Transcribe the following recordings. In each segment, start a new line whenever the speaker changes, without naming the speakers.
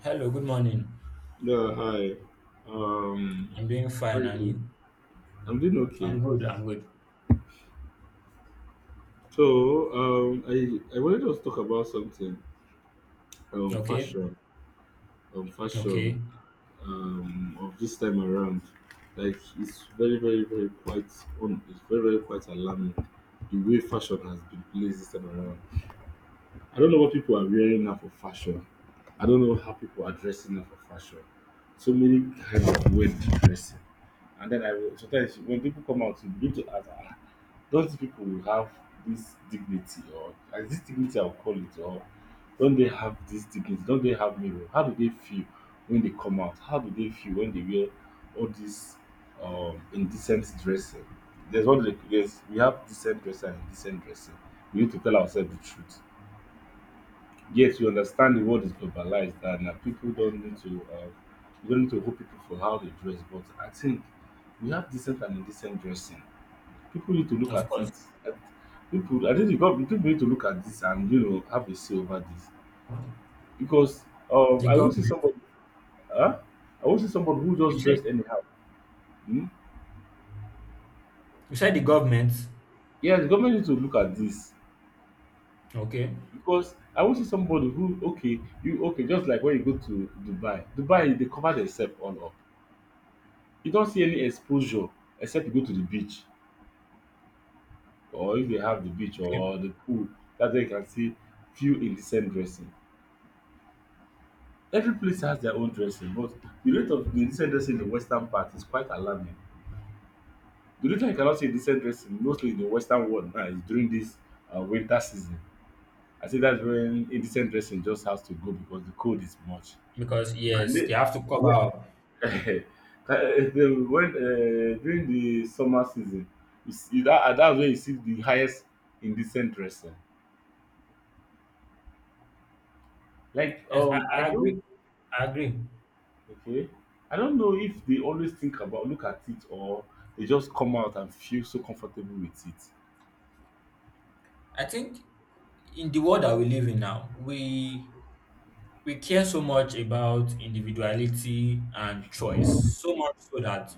Hello, good morning.
Yeah, hi. Um,
I'm doing
how
fine,
you
and you?
doing? I'm doing okay.
I'm good, I'm good.
So, I wanted us to talk about something,
Okay,
fashion, um, fashion,
okay,
of this time around. Like it's very, very, very quite on. It's very, very quite alarming the way fashion has been placed this time around. I don't know what people are wearing now for fashion. I don't know how people are dressing now for fashion. So many kinds of weird dressing. And then I will sometimes when people come out, you begin to ask, "Ah, those people will have this dignity, or is it dignity I will call it, or don't they have this dignity? Don't they have meaning? How do they feel when they come out? How do they feel when they wear all this indecent dressing? There's what they, there's, We have decent dressing and indecent dressing. We need to tell ourselves the truth. Yes, we understand the world is globalized and people don't need to we don't need to hold people for how they dress, but I think we have decent and indecent dressing, people need to look
of
at
course.
it. At people, I think the government, people need to look at this, and you know, have a say over this because
The
I won't see
government,
somebody, huh? I won't see somebody who
you
just
said,
dressed anyhow. Hmm?
you said the government,
Yeah, the government needs to look at this
okay,
because I won't see somebody who okay, you okay, just like when you go to Dubai, Dubai they cover themselves all up. You don't see any exposure except you go to the beach, or if they have the beach
okay,
or the pool. That's where you can see few indecent dressing. Every place has their own dressing, but the rate of the decent dressing in the western part is quite alarming. The reason I cannot say decent dressing mostly in the western world now is during this winter season. I think that's when indecent dressing just has to go because the cold is much.
because
And
yes, they
then,
have to cover up.
yeah, the- when during the summer season, you see that, that's where you see the highest indecent dressing. Like
Yes, I,
I
I
don't.
agree, I agree.
Okay. I don't know if they always think about look at it, or they just come out and feel so comfortable with it.
I think in the world that we live in now, we care so much about individuality and choice, so much so that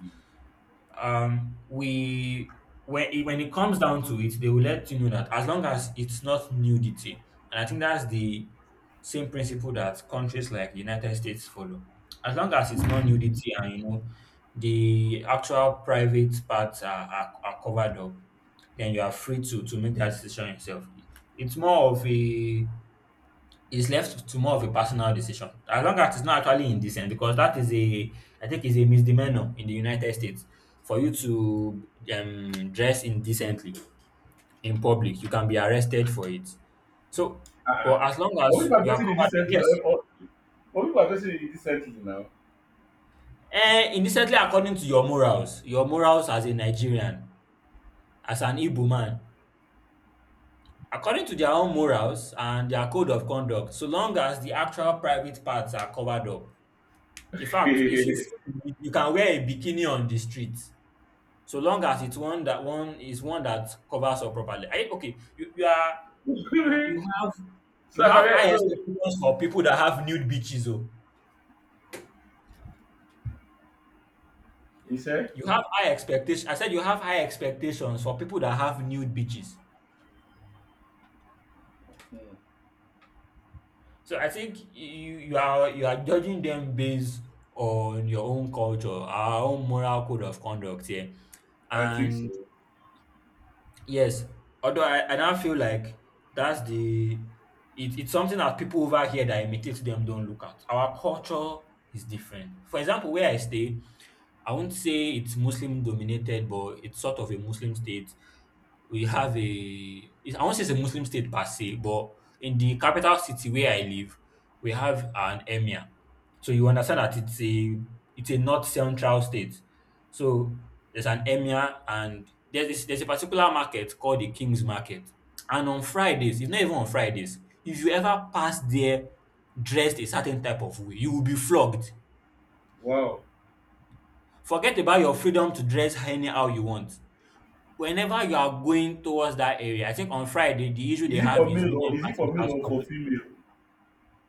we when it comes down to it they will let you know that as long as it's not nudity, and I think that's the same principle that countries like the United States follow. As long as it's not nudity, and you know the actual private parts are covered up, then you are free to make that decision yourself. It's more of a is left to more of a personal decision as long as it's not actually indecent, because that is a I think is a misdemeanor in the United States. For you to dress indecently in public you can be arrested for it, so
Uh-uh.
but as long as
What people are
you are
facing it
covered up,
decently,
yes.
or, or what people are facing it decently now.
Eh, indecently according to your morals, your morals as a Nigerian, as an Igbo man, according to their own morals and their code of conduct, so long as the actual private parts are covered up. In fact, if you feel the need, you can wear a bikini on the street, so long as it's one that one that covers up properly. I okay, you are you have
So
you
I
have
can
high
so,
expectations for people that have nude beaches, oh.
you said,
You have high expectation. I said you have high expectations for people that have nude beaches.
hmm,
So I think you you are judging them based on your own culture, our own moral code of conduct here.
I think so.
And yes, although I now feel like that's the it, it's something that people over here that imitate them don't look at. Our culture is different. For example, where I stay, I won't say it's Muslim dominated, but it's sort of a Muslim state. We have a, it's- I won't say it's a Muslim state per se, but in the capital city where I live, we have an emir. So you understand that it's a north central state. So there's an emir and there's a particular market called the King's Market. And on Fridays, it's not even on Fridays, if you ever pass there dressed a certain type of way, you will be flogged.
Wow,
Forget about your freedom to dress anyhow you want. Whenever you are going towards that area, I think on Friday the issue they have is women
is it
passing
for male
without
or for
covering,
female?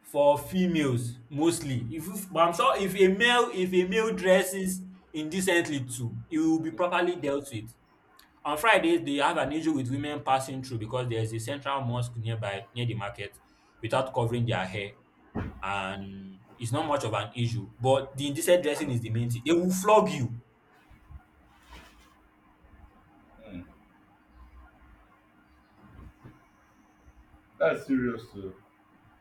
for females mostly. If but I'm sure if a male dresses indecently too, it will be properly dealt with. On Fridays they have an issue with women passing through because there is a central mosque nearby near the market without covering their hair, and it's not much of an issue. But the indecent dressing is the main thing. They will flog you.
That's serious too.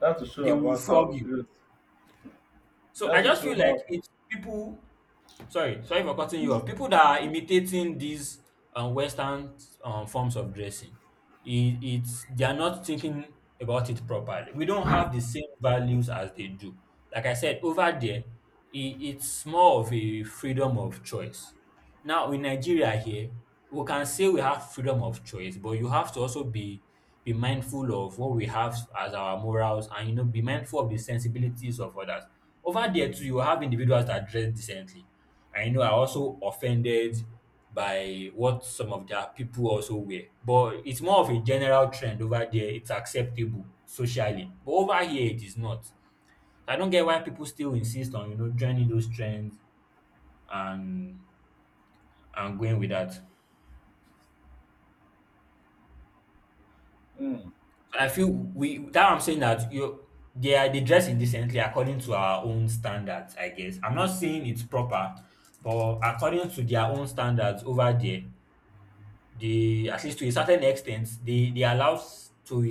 That's to show
They will
about how
flog you.
serious.
So I
That's to
just
show
feel like
how.
it's people. Sorry for cutting you off. People that are imitating these Western forms of dressing, it's they are not thinking about it properly. We don't have the same values as they do. Like I said, over there, I it's more of a freedom of choice. Now in Nigeria here, we can say we have freedom of choice, but you have to also be mindful of what we have as our morals and you know be mindful of the sensibilities of others. Over there too, you have individuals that dress decently. And you know are also offended by what some of their people also wear. But it's more of a general trend over there. It's acceptable socially. But over here it is not. So, I don't get why people still insist on, you know, joining those trends and going with that.
Hmm.
I feel we that I'm saying that you they dress indecently according to our own standards, I guess. I'm not saying it's proper, but according to their own standards over there, they at least to a certain extent, they allow s- to